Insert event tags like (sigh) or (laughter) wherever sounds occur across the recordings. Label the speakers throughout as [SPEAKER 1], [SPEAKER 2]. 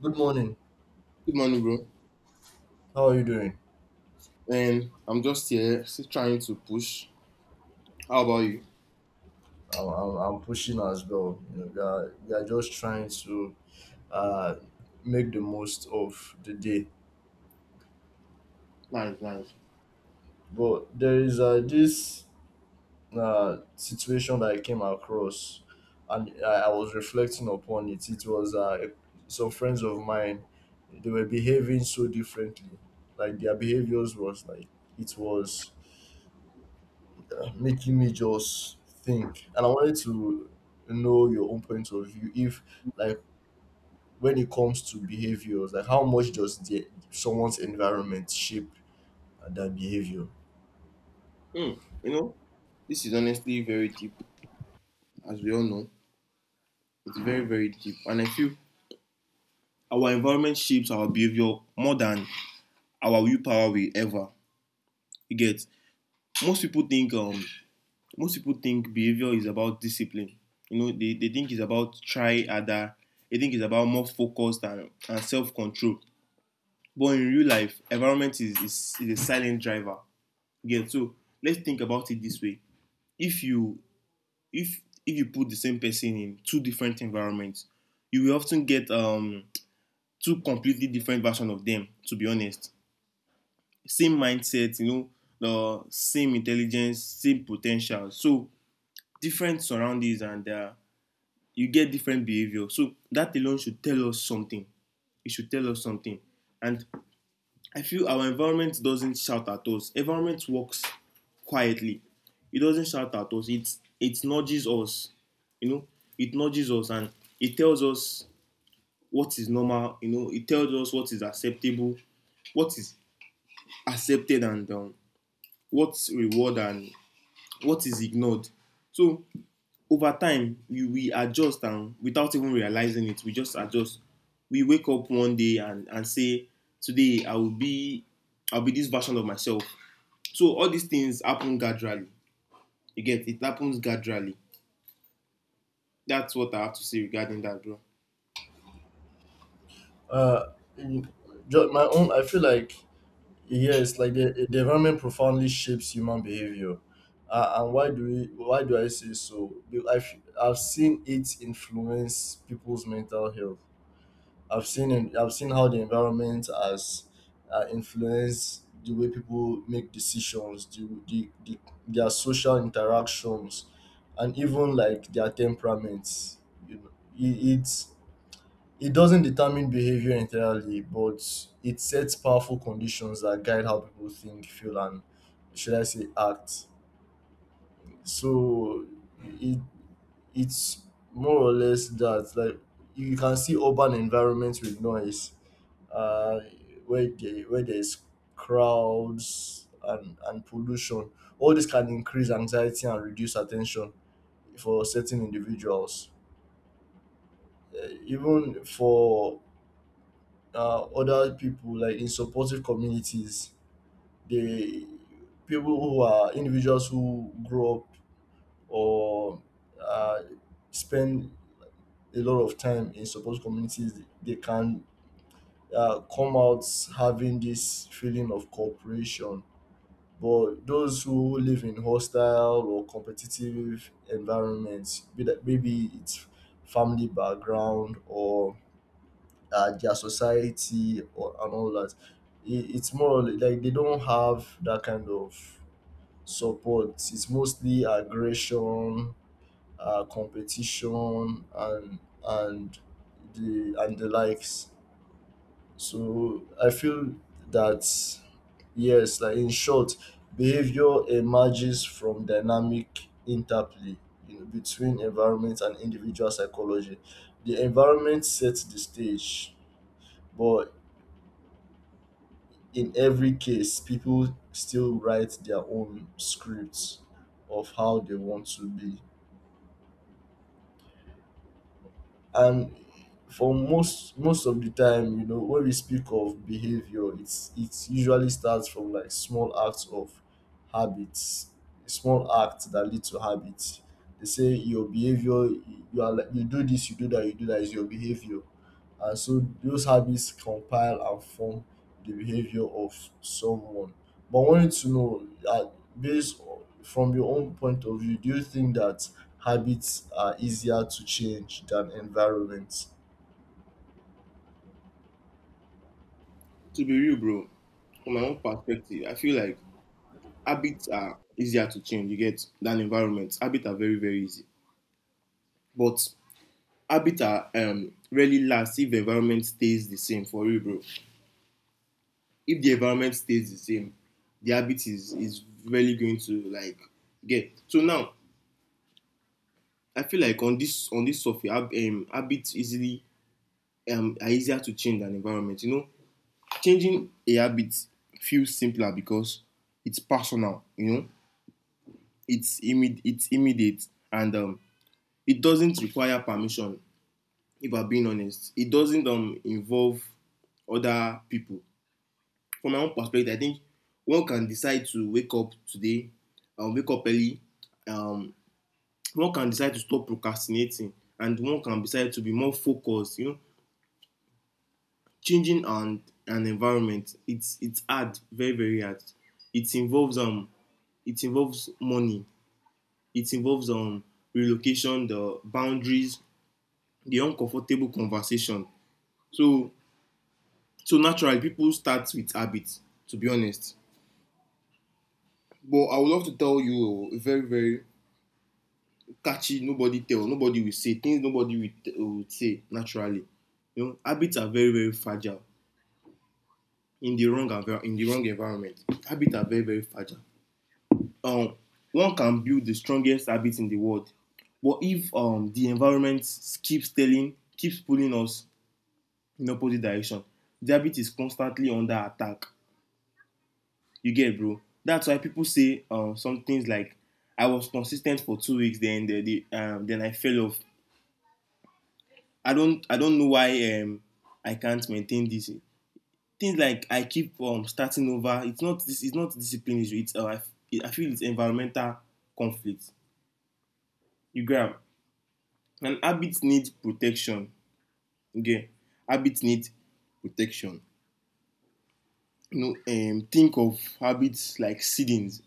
[SPEAKER 1] Good morning.
[SPEAKER 2] Good morning, bro.
[SPEAKER 1] How are you doing?
[SPEAKER 2] And I'm just here, still trying to push. How about you?
[SPEAKER 1] I'm pushing as well. You know, we are just trying to uh, make the most of the day.
[SPEAKER 2] Nice, nice.
[SPEAKER 1] But there is this situation that I came across, and I was reflecting upon it. It was some friends of mine. They were behaving so differently. Like their behaviors was like it was making me just think, and I wanted to know your own point of view if like when it comes to behaviors like how much does the someone's environment shape their behavior.
[SPEAKER 2] Hmm. You know, this is honestly very deep, as we all know. It's very, very deep. And I feel our environment shapes our behavior more than our willpower will ever. You get most people think most people think behavior is about discipline. You know, they think it's about try harder, they think it's about more focus and self-control. But in real life, environment is a silent driver. Again, so let's think about it this way. If you if if you put the same person in two different environments, you will often get two completely different versions of them, to be honest. Same mindset, you know, the same intelligence, same potential. So different surroundings and you get different behavior. So that alone should tell us something. It should tell us something. And I feel our environment doesn't shout at us. Environment works quietly. It doesn't shout at us. It nudges us. You know, it nudges us and it tells us what is normal. You know, it tells us what is acceptable, what is accepted, and what's reward and what is ignored. So over time, we adjust and without even realizing it, we just adjust. We wake up one day and say, today I'll be this version of myself. So all these things happen gradually. You get it happens gradually. That's what I have to say regarding that, bro.
[SPEAKER 1] Uh in just my own, I feel like, yes, like the environment profoundly shapes human behavior. And why do I say so? I've seen it influence people's mental health. I've seen how the environment has influenced the way people make decisions, their social interactions, and even like their temperaments. You know, it, it it doesn't determine behavior entirely, but it sets powerful conditions that guide how people think, feel, and should I say act. So it it's more or less that like you can see urban environments with noise, uh, where where there's crowds and pollution. All this can increase anxiety and reduce attention for certain individuals. Even for other people, like in supportive communities, they people who are individuals who grow up or uh, spend a lot of time in supportive communities, they can come out having this feeling of cooperation. But those who live in hostile or competitive environments, be that maybe it's family background or their society or and all that, it's more or less like they don't have that kind of support. It's mostly aggression, competition, and and the likes. So I feel that yes, like in short, behavior emerges from dynamic interplay, between environment and individual psychology. The environment sets the stage, but in every case, people still write their own scripts of how they want to be. And for most of the time, when we speak of behavior, it usually starts from like small acts of habits, small acts that lead to habits. They say your behavior, you are like, you do this, you do that, you do that is your behavior. And so those habits compile and form the behavior of someone. But I wanted to know from your own point of view, do you think that habits are easier to change than environment?
[SPEAKER 2] To be real, bro, from my own perspective, I feel like habits are easier to change. You get than environments. Habits are very very easy, but habits are really last if the environment stays the same. For real, bro. If the environment stays the same, the habit is really going to like get. So now I feel like on this software, habits easily are easier to change than environment. You know, changing a habit feels simpler because it's personal, you know, it's immediate, and it doesn't require permission. If I'm being honest, it doesn't involve other people. From my own perspective, I think one can decide to wake up today, wake up early. Um, One can decide to stop procrastinating, and one can decide to be more focused. You know, changing an environment, it's hard, very very hard. It involves um it involves money, it involves relocation, the boundaries, the uncomfortable conversation. So, so naturally, people start with habits, to be honest. But I would love to tell you a very, very catchy, nobody will say, things will say naturally. You know, habits are very, very fragile in the in the wrong environment. Habits are very, very fragile. um, One can build the strongest habit in the world. But if the environment keeps pulling us in opposite direction, the habit is constantly under attack. You get, bro. That's why people say some things like, "I was consistent for 2 weeks, then then I fell off." I don't know why I can't maintain this. Things like I keep starting over. It's not this. It's not discipline issue. It's I feel it's environmental conflict. You grab an habit need protection, you get, habit need protection. You know, think of habits like seedings,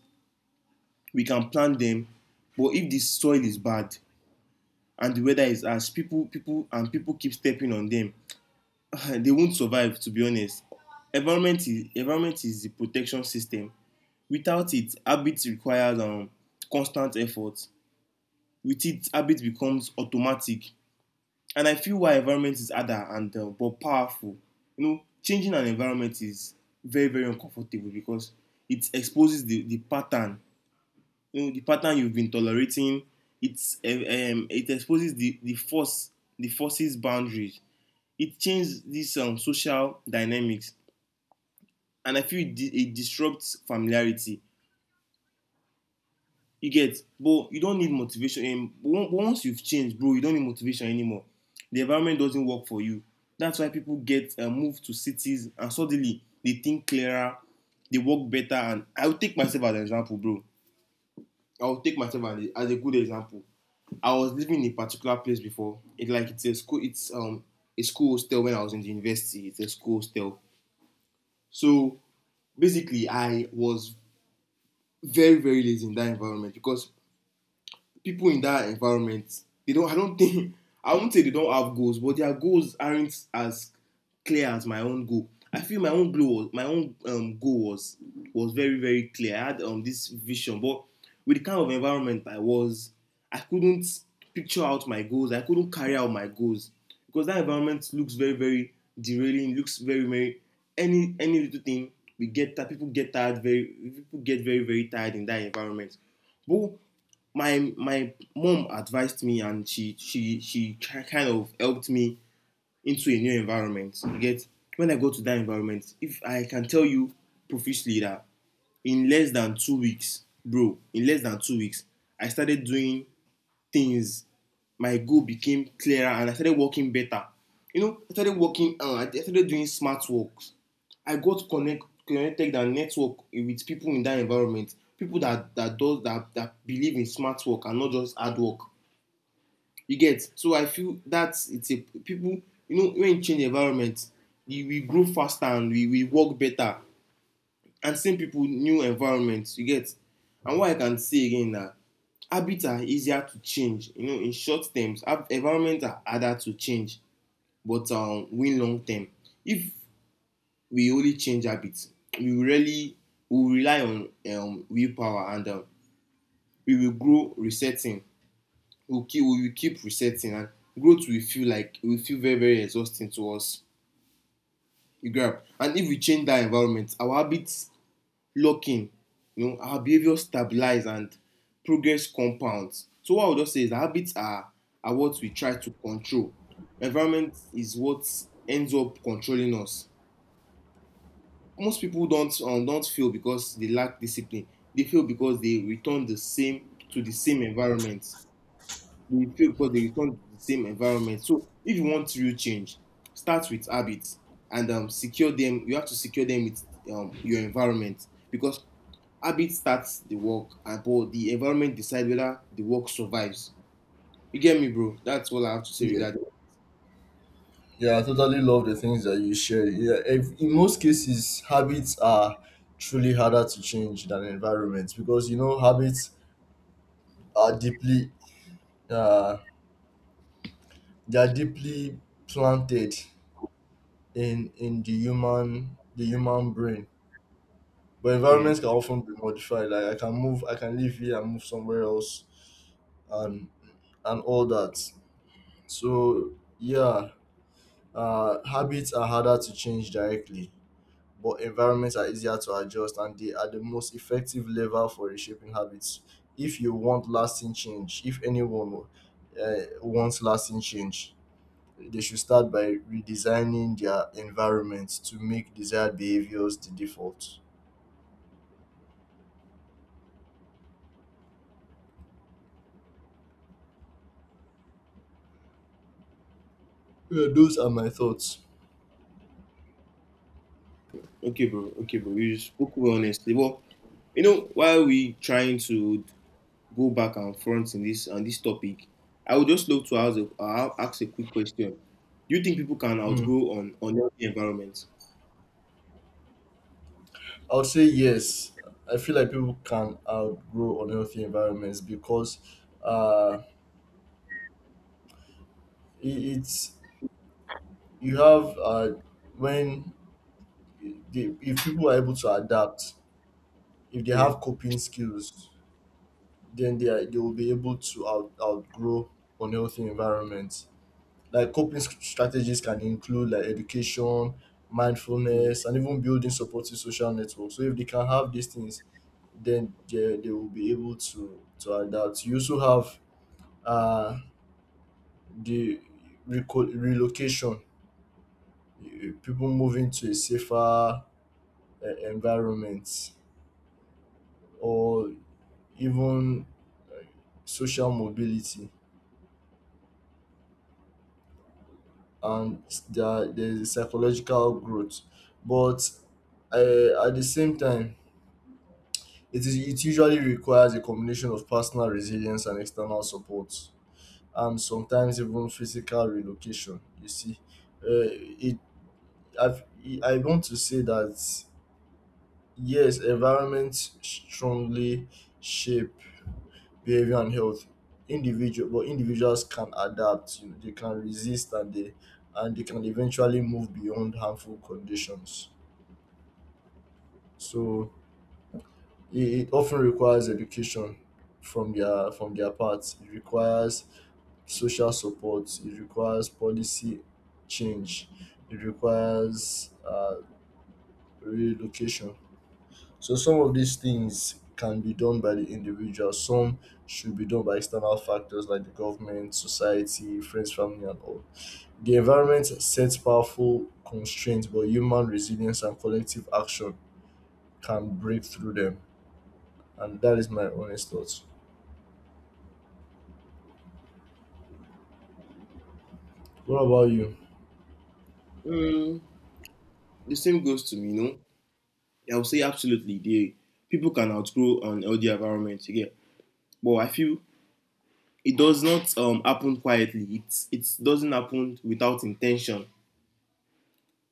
[SPEAKER 2] we can plant them, but if the soil is bad and the weather is harsh, people keep stepping on them (laughs) they won't survive, to be honest. Environment is the protection system. Without it, habit requires constant effort. With it, habit becomes automatic. And I feel why environment is harder and but powerful. You know, changing an environment is very very uncomfortable because it exposes the pattern. You know, the pattern you've been tolerating. It exposes the forces boundaries. It changes these social dynamics, and I feel it disrupts familiarity. You get, but you don't need motivation. And once you've changed, bro, you don't need motivation anymore. The environment doesn't work for you. That's why people get moved to cities and suddenly they think clearer, they work better. And I'll take myself as an example, bro. I'll take myself as a good example. I was living in a particular place before. It's like it's a school. It's a school hostel when I was in the university. It's a school hostel. So basically, I was very very lazy in that environment because people in that environment they don't, I don't think, I won't say they don't have goals, but their goals aren't as clear as my own goal. I feel my own goal, my own goal was very very clear. I had this vision, but with the kind of environment I was, I couldn't picture out my goals, I couldn't carry out my goals because that environment looks very very derailing, looks very very, any little thing, we get that people get very very tired in that environment. But my mom advised me and she kind of helped me into a new environment. You get, when I go to that environment, if I can tell you profusely that in less than 2 weeks, bro, in less than 2 weeks I started doing things, my goal became clearer and I started working better. You know, I started I started doing smart work. I got connected and network with people in that environment. People that that does that that believe in smart work and not just hard work. You get, so I feel that it's a people, you know, when you change environment, we grow faster and we work better. And same people, new environments. You get, and what I can say again na, habits are easier to change, you know, in short terms, environments are harder to change, but win long term, if we only change habits, we really, we will rely on willpower and we will grow resetting, we will keep resetting and growth will feel very very exhausting to us. You grab, and if we change that environment, our habits locking, you know, our behavior stabilize and progress compounds. So what I would just say is that habits are what we try to control, environment is what ends up controlling us. Most people don't fail because they lack discipline, they fail because they return the same to the same environment. They fail because they return to the same environment. So if you want real change, start with habits and secure them. You have to secure them with your environment because habit starts the work, and but the environment decides whether the work survives. You get me, bro? That's all I have to say
[SPEAKER 1] Yeah.
[SPEAKER 2] regarding.
[SPEAKER 1] Yeah, I totally love the things that you share. Yeah, if, in most cases, habits are truly harder to change than environments because you know habits are deeply, uh, they are deeply planted in the human brain. But
[SPEAKER 2] Yeah.
[SPEAKER 1] environments can often be modified. Like I can move, I can live here and move somewhere else, and and all that. So yeah, habits are harder to change directly, but environments are easier to adjust and they are the most effective lever for reshaping habits. If you want lasting change, if anyone uh, wants lasting change, they should start by redesigning their environment to make desired behaviors the default. Yeah, those are my thoughts.
[SPEAKER 2] Okay, bro. Okay, bro. You spoke well, honestly. Well, you know, while we trying to go back and front in this topic, I would just love to ask ask a quick question. Do you think people can
[SPEAKER 1] Hmm.
[SPEAKER 2] outgrow on unhealthy environments?
[SPEAKER 1] I would say yes. I feel like people can outgrow unhealthy environments because uh, it, it's you have when the, if people are able to adapt, if they
[SPEAKER 2] Yeah.
[SPEAKER 1] have coping skills, then they will be able to outgrow unhealthy environments, like coping strategies can include like education,
[SPEAKER 2] Mm.
[SPEAKER 1] mindfulness, and even building supportive social networks. So if they can have these things, then they will be able to adapt. You also have uh the relocation, people moving to a safer environment, or even social mobility, and there's a psychological growth. But at the same time, it usually requires a combination of personal resilience and external support, and sometimes even physical relocation. You see, uh, it I've, I want to say that yes, environment strongly shape behavior and health, individual but individuals can adapt. You know, they can resist, and they can eventually move beyond harmful conditions. So it often requires education from their part, it requires social support, it requires policy change, it requires relocation. So some of these things can be done by the individual, some should be done by external factors like the government, society, friends, family, and all. The environment sets powerful constraints, but human resilience and collective action can break through them. And that is my honest thoughts. What about you?
[SPEAKER 2] Mm, the same goes to me. You know, I would say absolutely. They People can outgrow unhealthy environments. You get, but I feel it does not happen quietly. It doesn't happen without intention.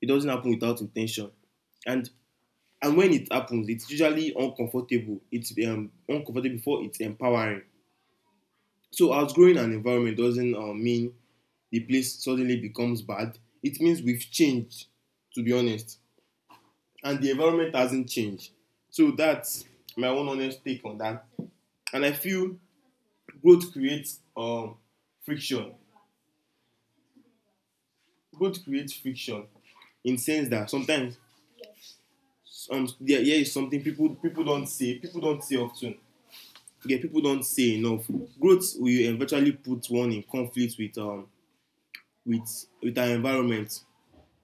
[SPEAKER 2] It doesn't happen without intention. And And when it happens, it's usually uncomfortable. It's uncomfortable before it's empowering. So outgrowing an environment doesn't mean the place suddenly becomes bad. It means we've changed, to be honest. And the environment hasn't changed. So that's my own honest take on that. And I feel growth creates friction. Growth creates friction in the sense that sometimes here is something people don't say, people don't say often. Yeah, people don't say enough. Growth will eventually put one in conflict with with our environment.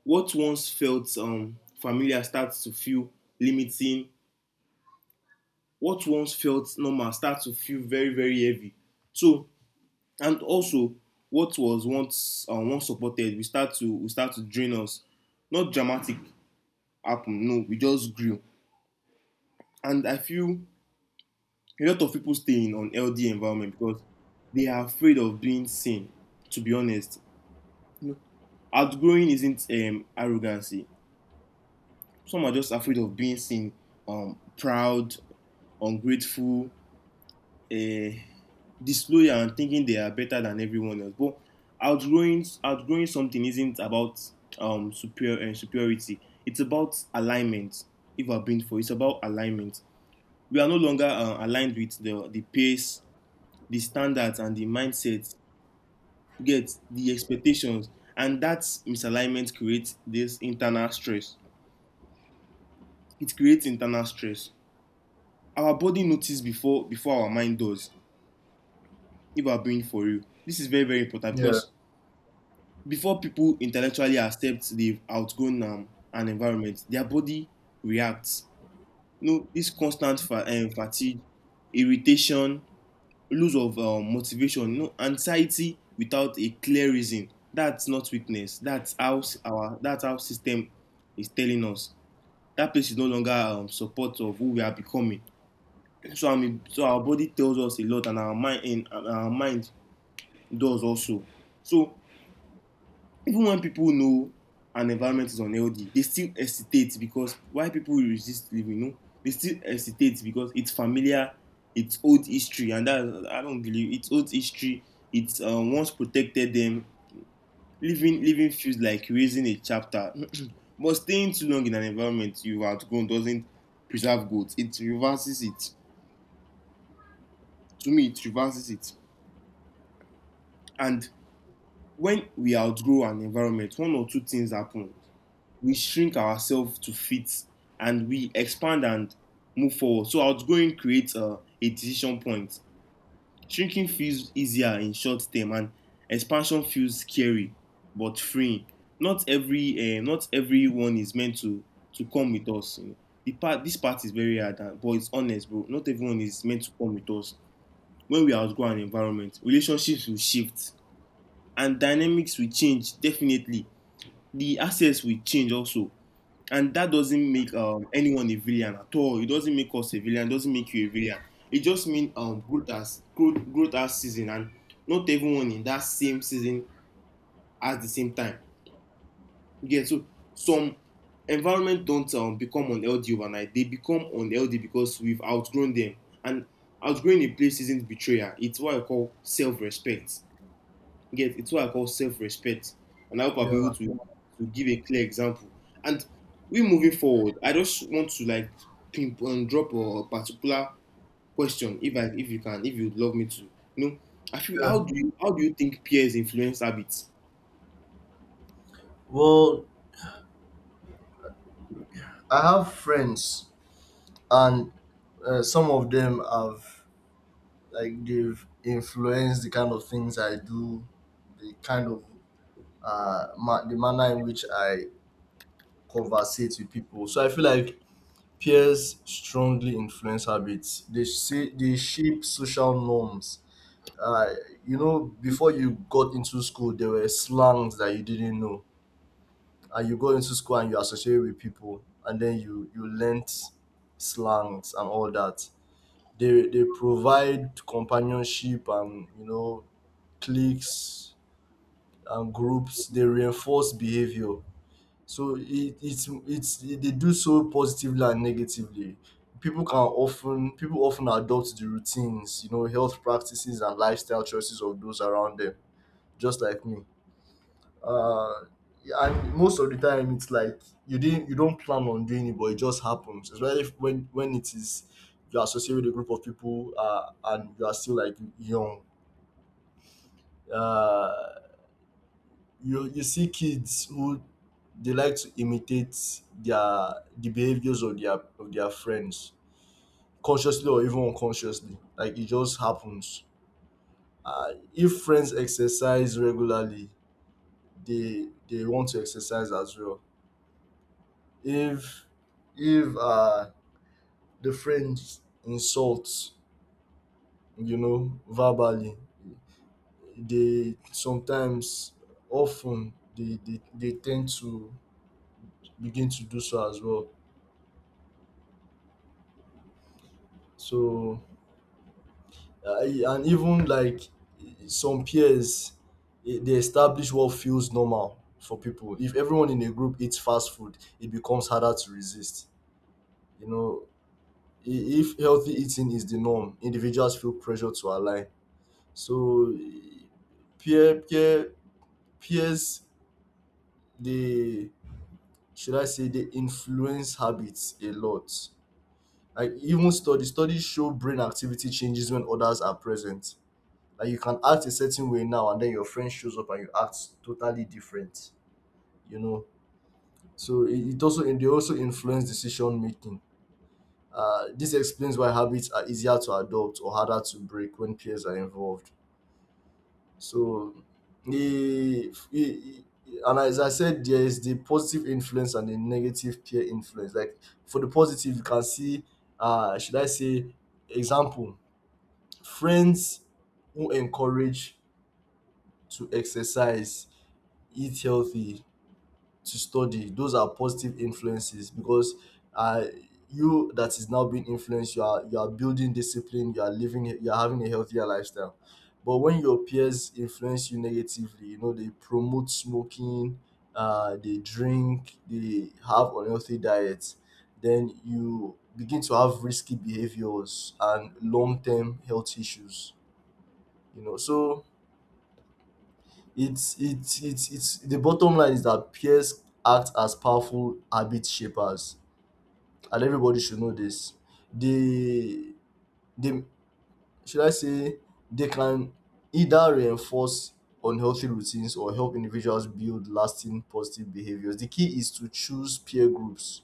[SPEAKER 2] What once felt familiar starts to feel limiting. What once felt normal starts to feel very very heavy. So and also what was once once supported we start to drain us. Not dramatic happen. No, we just grew. And I feel a lot of people stay in an unhealthy environment because they are afraid of being seen. To be honest, you know, outgrowing isn't arrogancy. Some are just afraid of being seen proud, ungrateful, uh, disloyal, and thinking they are better than everyone else. But outgrowing something isn't about superiority. It's about alignment. If I've been for, it's about alignment. We are no longer aligned with the pace, the standards, and the mindset. Get the expectations, and that misalignment creates this internal stress. it creates internal stress. Our body notices before our mind does, if we're being for real. This is very, very important
[SPEAKER 1] Yeah,
[SPEAKER 2] because before people intellectually accept they've outgrown an environment, their body reacts. You know, this constant fatigue, irritation, loss of motivation, anxiety without a clear reason. That's not weakness. That's how s- our that's how system is telling us. That place is no longer support of who we are becoming. So our body tells us a lot, and our mind does also. So even when people know an environment is unhealthy, they still hesitate because why people resist living, you know, they still hesitate because it's familiar, it's old history, and that I don't believe it's old history. It's once protected them. Living feels like raising a chapter, (clears throat) but staying too long in an environment you've outgrown doesn't preserve growth. It reverses it. To me, it reverses it. And when we outgrow an environment, one or two things happen. We shrink ourselves to fit and we expand and move forward. So outgrowing creates a decision point. Shrinking feels easier in short term and expansion feels scary but freeing. Not everyone is meant to come with us. You know. The part this part is very hard, but it's honest, bro. Not everyone is meant to come with us. When we outgrow an environment, relationships will shift and dynamics will change definitely. The access will change also. And that doesn't make anyone a villain at all. It doesn't make us a villain. It doesn't make you a villain. It just means growth has season, and not everyone in that same season at the same time. You get, so some environment don't become unhealthy overnight. They become unhealthy because we've outgrown them. And outgrowing a place isn't betrayal. It's what I call self-respect. Yes, it's what I call self-respect, and I hope I'll be
[SPEAKER 1] yeah,
[SPEAKER 2] able to give a clear example. And we moving forward, I just want to like pimp and drop a particular question, if I if you can, if you'd love me to, you know, I feel
[SPEAKER 1] yeah.
[SPEAKER 2] how do you think peers influence habits?
[SPEAKER 1] Well, I have friends, and some of them have like they've influenced the kind of things I do, the kind of the manner in which I conversate with people. So I feel like peers strongly influence habits. They say they shape social norms. Uh, before you got into school, there were slangs that you didn't know, and you go into school and you associate with people, and then you learnt slangs and all that. They provide companionship and cliques and groups. They reinforce behavior. So it it's they do so positively and negatively. People often adopt the routines, health practices and lifestyle choices of those around them, just like me. Uh, yeah, and most of the time, it's like you don't plan on doing it, but it just happens. Especially if, when it is you associate with a group of people, and you are still like young. Uh, you see kids who they like to imitate the behaviors of their friends, consciously or even unconsciously, like it just happens. If friends exercise regularly, they want to exercise as well. If if the friends insult, verbally, they sometimes often they tend to begin to do so as well. So and even like some peers, they establish what feels normal for people. If everyone in a group eats fast food, it becomes harder to resist. you know if healthy eating is the norm, individuals feel pressure to align. So peer peer peers, they, should I say, they influence habits a lot. Like even study studies show brain activity changes when others are present. Like you can act a certain way now, and then your friend shows up and you act totally different. You know so it also and they also influence decision making. This explains why habits are easier to adopt or harder to break when peers are involved. So the and as I said, there is the positive influence and the negative peer influence. Like for the positive, you can see, should I say, example, friends who encourage to exercise, eat healthy, to study. Those are positive influences because uh, you, that is now being influenced, you are building discipline, you are living, you are having a healthier lifestyle. But when your peers influence you negatively, they promote smoking, they drink, they have unhealthy diets, then you begin to have risky behaviors and long term health issues. You know, so it's the bottom line is that peers act as powerful habit shapers, and everybody should know this. They they, should I say, they can either reinforce unhealthy routines or help individuals build lasting positive behaviors. The key is to choose peer groups,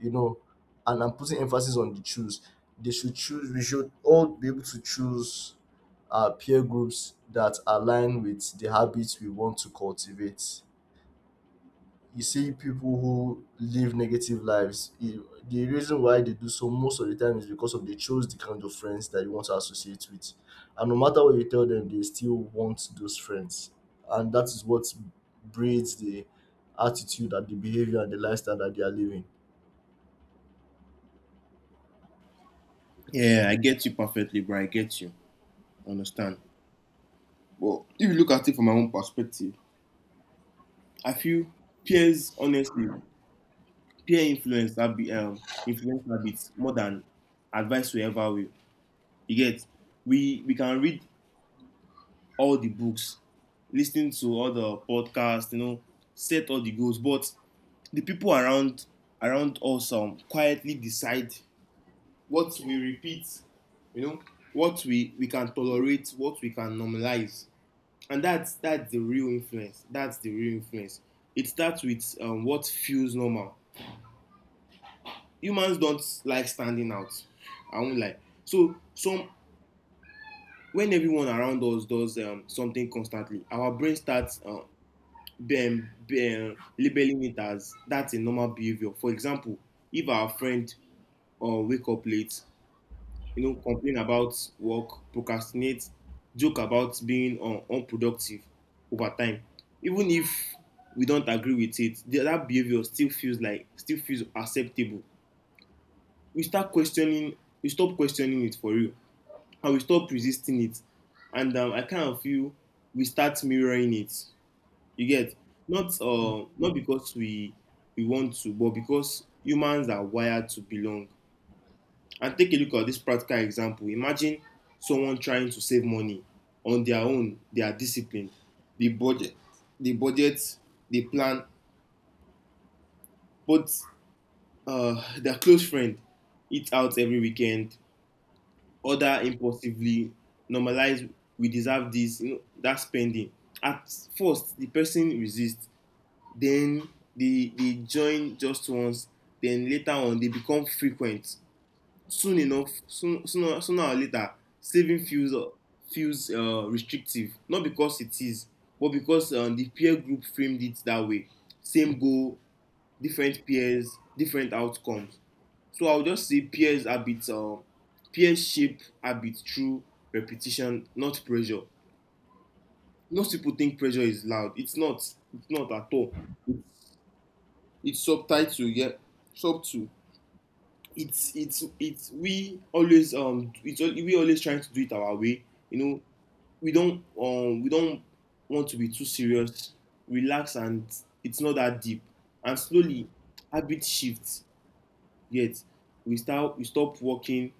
[SPEAKER 1] you know, and I'm putting emphasis on the choose. They should choose. We should all be able to choose peer groups that align with the habits we want to cultivate. You see people who live negative lives, the reason why they do so most of the time is because of they chose the kind of friends that you want to associate with. And no matter what you tell them, they still want those friends. And that is what breeds the attitude and the behavior and the lifestyle that they are living.
[SPEAKER 2] Yeah, I get you perfectly, bro. I get you. I understand. But if you look at it from my own perspective, I feel peers honestly peer influence habit influence habits more than advice will ever will. You get We can read all the books, listen to all the podcasts, you know, set all the goals, but the people around us quietly decide what we repeat, you know, what we can tolerate, what we can normalize, and that's the real influence. That's the real influence. It starts with what feels normal. Humans don't like standing out. I won't lie. So some when everyone around us does something constantly, our brain starts labeling it as that's a normal behavior. For example, if our friend wake up late, you know, complain about work, procrastinate, joke about being unproductive over time, even if we don't agree with it, that behavior still feels acceptable. We start questioning, we stop questioning it for real, and we stop resisting it, and I kind of feel we start mirroring it. You get,
[SPEAKER 1] Mm,
[SPEAKER 2] not because we want to but because humans are wired to belong. And take a look at this practical example. Imagine someone trying to save money on their own. They are disciplined, they budget, they budget they plan, but their close friend eats out every weekend, order impulsively, normalize we deserve this, you know, that spending. At first the person resist, then they join just once, then later on they become frequent. Soon enough soon sooner Sooner or later saving feels restrictive, not because it is but because the peer group framed it that way. Same goal, different peers, different outcomes. So I will just say peers shape habit through repetition, not pressure. Most people think pressure is loud. It's not. It's not at all. It's, it's subtitle, yeah, subtle. It's we always we always trying to do it our way. You know, we don't want to be too serious. Relax, and it's not that deep. And slowly habit shifts. Yet we stop working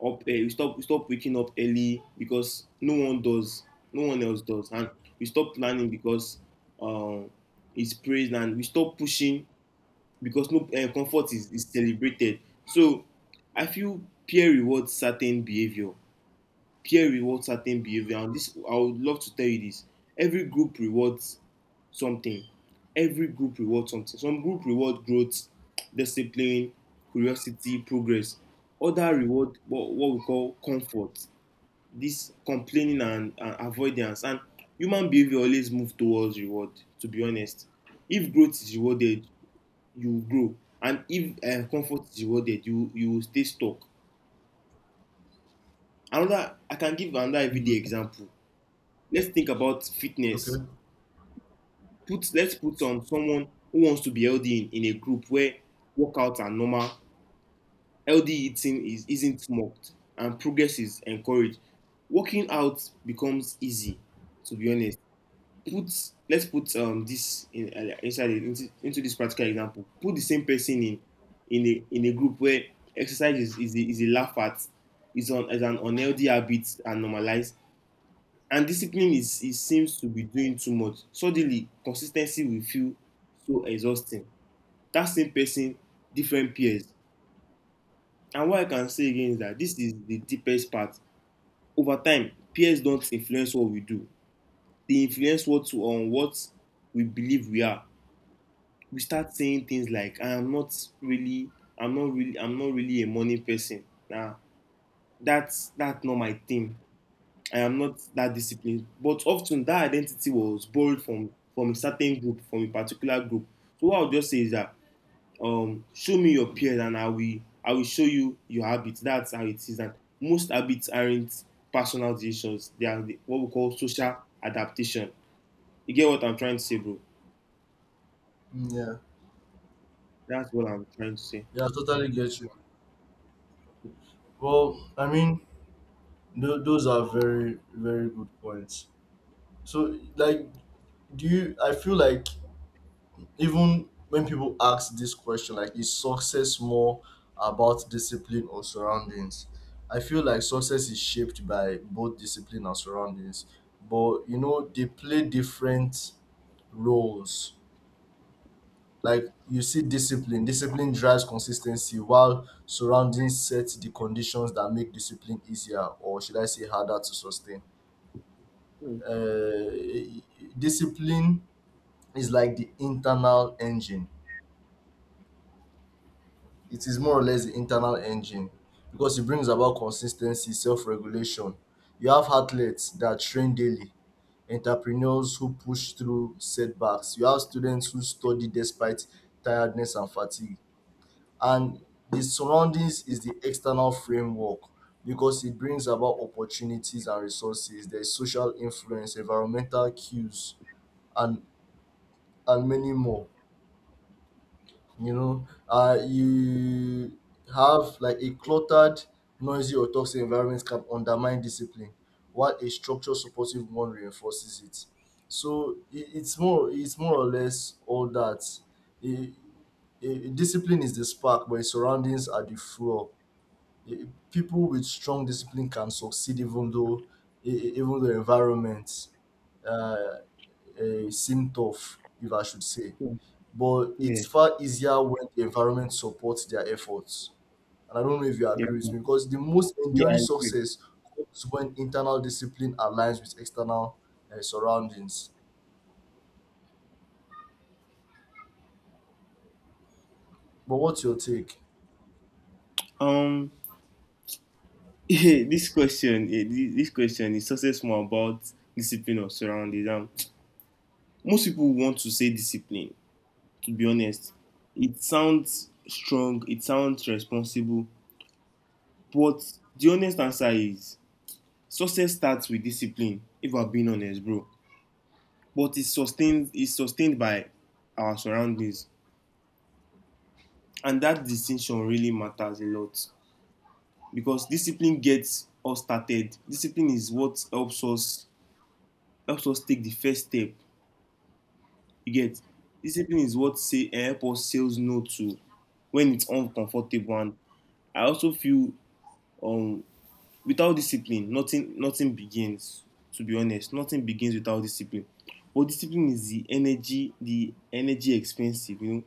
[SPEAKER 2] up we stop waking up early because no one else does, and we stop planning because um it's praised, and we stop pushing because no comfort is celebrated. So I feel peer rewards certain behavior peer rewards certain behavior, and this I would love to tell you this. Every group rewards something. Every group rewards something. Some group reward growth, discipline, curiosity, progress. Other reward what we call comfort, this complaining and avoidance. And human behavior always move towards reward, to be honest. If growth is rewarded, you grow. And if comfort is rewarded, you will stay stuck. Another, I can give another everyday
[SPEAKER 1] mm,
[SPEAKER 2] example. Let's think about
[SPEAKER 1] okay.
[SPEAKER 2] fitness. Put Let's put on someone who wants to be healthy in a group where workouts are normal, healthy eating is isn't mocked, and progress is encouraged. Working out becomes easy, to be honest. Put Let's put this in, inside it, into this practical example. Put the same person in in a group where exercise is a laugh at, is an unhealthy habit and normalized, and discipline is seems to be doing too much. Suddenly consistency ten will feel so exhausting. That same person, different peers. And what I can say again is that this is the deepest part. Over time peers don't influence what we do, they influence what we believe we are. We start saying things like really I'm not really a morning person, na, that's not my thing. I am not that disciplined. But often that identity was borrowed from a certain group, from a particular group. So what I'll just say is that show me your peers and I will show you your habits. That's how it is. And most habits aren't personal decisions. They are what we call social adaptation. You get what I'm trying to say, bro?
[SPEAKER 1] Mm, yeah.
[SPEAKER 2] That's what I'm trying to say.
[SPEAKER 1] Yeah, I totally get you. Well, I mean, those are very, very good points. So, like, do you? I feel like even when people ask this question like is success more about discipline or surroundings, I feel like success is shaped by both discipline and surroundings, but they play different roles. Like you see, discipline drives consistency while surroundings set the conditions that make discipline easier, or should I say harder, to sustain.
[SPEAKER 2] True,
[SPEAKER 1] Discipline is like the internal engine. It is more or less the internal engine because it brings about consistency, self-regulation. You have athletes that train daily, entrepreneurs who push through setbacks. You have students who study despite tiredness and fatigue. And the surroundings is the external framework because it brings about opportunities and resources. There is social influence, environmental cues, and and many more. You know, you have like a cluttered, noisy or toxic environment can undermine discipline while a structured supportive one reinforces it. So it's more or less all that. I- Discipline is the spark, but its surroundings are the fuel. People with strong discipline can succeed even though even though environment uh, seem tough, if I should say.
[SPEAKER 2] true.
[SPEAKER 1] But
[SPEAKER 2] Yeah,
[SPEAKER 1] it's far easier when the environment supports their efforts. And I don't know if you
[SPEAKER 2] yeah,
[SPEAKER 1] agree with me, because the most
[SPEAKER 2] yeah.
[SPEAKER 1] enduring
[SPEAKER 2] I agree.
[SPEAKER 1] success comes when internal discipline aligns with external surroundings. But what's your take?
[SPEAKER 2] Um, (laughs) this question, this question is also more about discipline or surroundings. Most people want to say discipline, to be honest. It sounds strong, it sounds responsible, but the honest answer is success starts with discipline, if we're being honest, bro. But it's sustained by our surroundings. And that distinction really matters a lot because discipline gets us started. Discipline is what helps us take the first step. You get, discipline is what say help us sales no to when it's uncomfortable. And I also feel um, without discipline, nothing begins. To be honest, nothing begins without discipline. But discipline is the energy expensive. You know,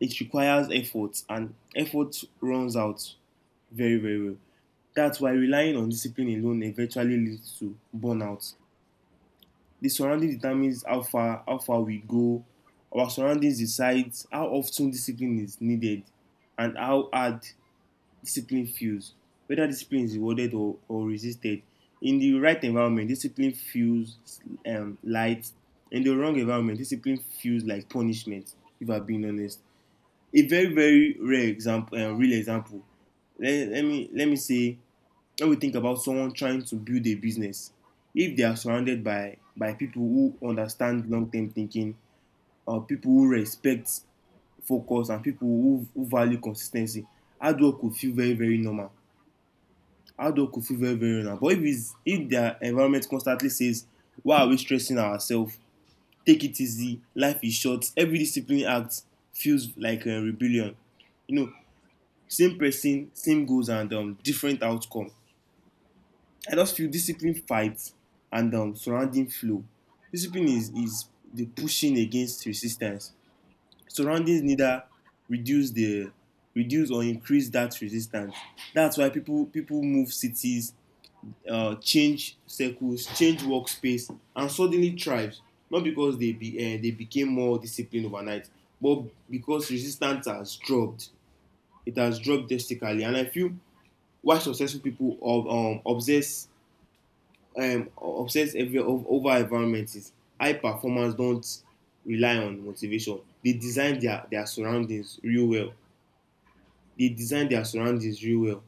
[SPEAKER 2] it requires effort, and effort runs out very, very well. That's why relying on discipline alone eventually leads to burnout. The surrounding determines how far we go. Our surroundings decides how often discipline is needed, and how hard discipline feels, whether discipline is rewarded or resisted. In the right environment discipline feels light. In the wrong environment discipline feels like punishment, if I'm being honest. A very, very rare example, real example, let me say, let me think about someone trying to build a business. If they are surrounded by people who understand long term thinking, or people who respect focus, and people who value consistency, hard work go feel very, very normal. Outdoor could feel very, very now. But if it's if their environment constantly says why are we stressing ourselves, take it easy, life is short, every discipline act feels like a rebellion, you know. Same person, same goals, and different outcome. I just feel discipline fights and surrounding flow. Discipline is the pushing against resistance. Surroundings neither reduce the reduce or increase that resistance. That's why people move cities, change circles, change workspace, and suddenly thrived, not because they became more disciplined overnight, but because resistance has dropped. It has dropped drastically. And I feel why successful people of obsess obsess over environment is high performers don't rely on motivation, they design their surroundings real well. They design their surroundings real well.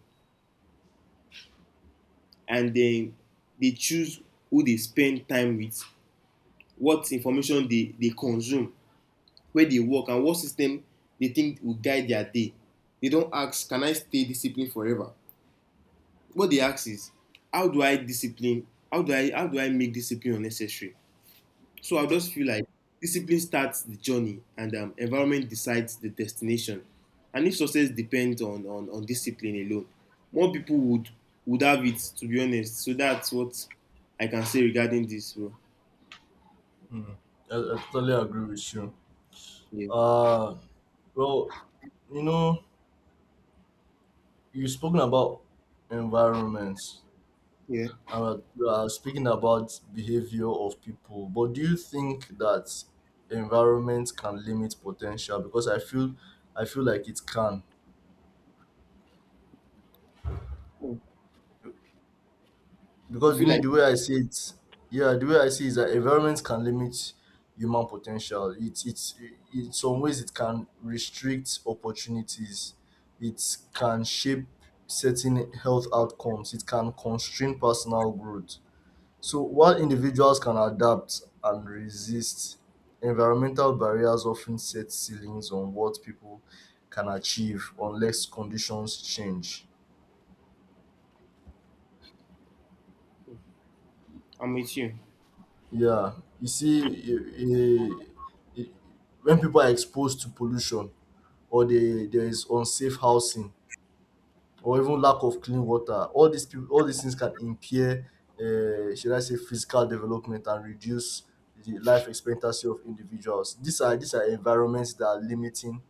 [SPEAKER 2] And then they choose who they spend time with, what information they consume, where they work, and what system they think will guide their day. They don't ask can I stay disciplined forever. What they ask is how do i discipline how do I, how do I make discipline unnecessary. So I just feel like discipline starts the journey and environment decides the destination. And if success depends on discipline alone, more people would have it, to be honest. So that's what I can say regarding this, bro.
[SPEAKER 1] Mm, I totally agree with you.
[SPEAKER 2] Yeah,
[SPEAKER 1] Uh, well, you know, you've spoken about environments.
[SPEAKER 2] yeah.
[SPEAKER 1] We are speaking about behavior of people, but do you think that environment can limit potential? Because I feel like it can.
[SPEAKER 2] You
[SPEAKER 1] Because
[SPEAKER 2] feel
[SPEAKER 1] me,
[SPEAKER 2] like
[SPEAKER 1] the way I see it, yeah, the way I see is that environment can limit human potential. It's in some ways it can restrict opportunities. It can shape certain health outcomes. It can constrain personal growth. So while individuals can adapt and resist, environmental barriers often set ceilings on what people can achieve unless conditions change.
[SPEAKER 2] I'm with you.
[SPEAKER 1] Yeah, you see, eh, eh, eh, when people are exposed to pollution, or there is unsafe housing, or even lack of clean water, all these things can impair, should I say, physical development and reduce the life expectancy of individuals. these are environments that are limiting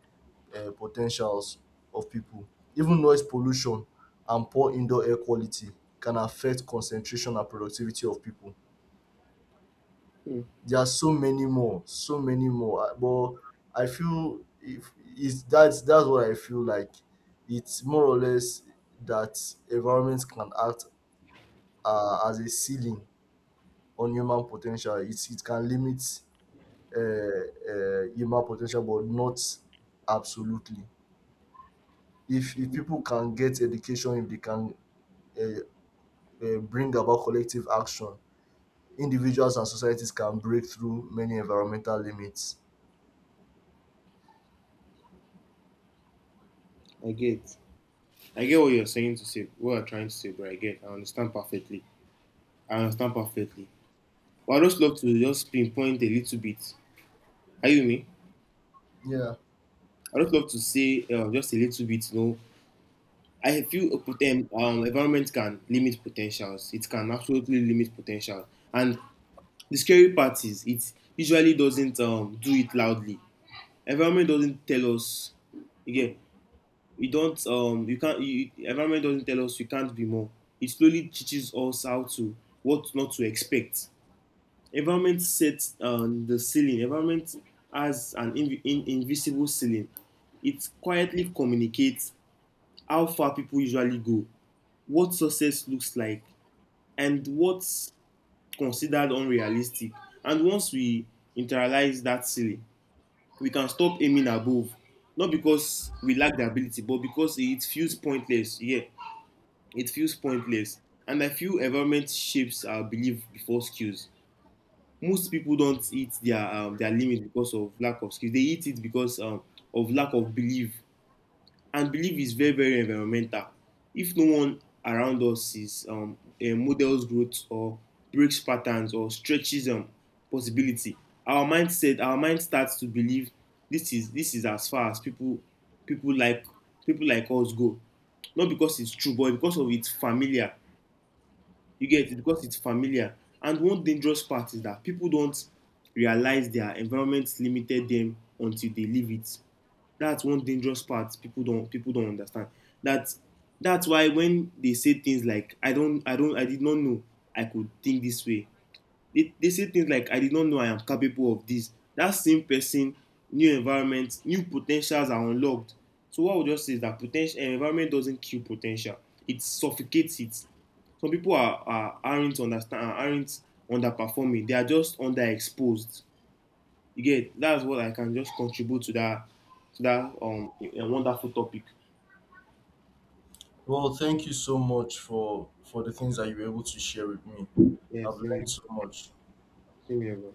[SPEAKER 1] potentials of people. Even noise pollution and poor indoor air quality can affect concentration and productivity of people.
[SPEAKER 2] Hmm,
[SPEAKER 1] There are so many more, so many more. But I feel if it's that's what I feel like. It's more or less that environments can act as a ceiling on human potential. It can limit human potential, but not absolutely. If people can get education, if they can uh, bring about collective action, individuals and societies can break through many environmental limits.
[SPEAKER 2] I get. I get what you're saying to say, what you're trying to say, but I get. I understand perfectly. I understand perfectly. But I just love to just pinpoint a little bit. Are you with me?
[SPEAKER 1] Yeah.
[SPEAKER 2] I just love to say just a little bit. You know, I feel environment can limit potentials. It can absolutely limit potential. And the scary part is it usually doesn't do it loudly. Environment doesn't tell us again. You don't you can't you, environment doesn't tell us you can't be more. It slowly teaches us how to what not to expect. Environment sets the ceiling. Environment has an invisible ceiling. It quietly communicates how far people usually go, what success looks like, and what's considered unrealistic. And once we internalize that ceiling, we can stop aiming above. Not because we lack the ability, but because it feels pointless. Yeah, it feels pointless, and I feel environment shapes our belief before skills. Most people don't eat their limit because of lack of skills. They eat it because of lack of belief, and belief is very, very environmental. If no one around us is models growth, or breaks patterns, or stretches possibility, our mind starts to believe this is as far as people like people like us go. Not because it's true, but because of it's familiar. You get, it because it's familiar. And one dangerous part is that people don't realize their environment limited them until they leave it. That's one dangerous part people don't understand. That that's why when they say things like I did not know I could think this way, they say things like I did not know I am capable of this. That same person, new environment, new potentials are unlocked. So what I would just say is that potential environment doesn't kill potential, it suffocates it. Some people aren't underperforming, they are just underexposed. You get, that's what I can just contribute to that, to that wonderful topic.
[SPEAKER 1] Well, thank you so much for the things that you were able to share with me.
[SPEAKER 2] Yeah,
[SPEAKER 1] I've learned
[SPEAKER 2] same.
[SPEAKER 1] so much.
[SPEAKER 2] Same here, bro.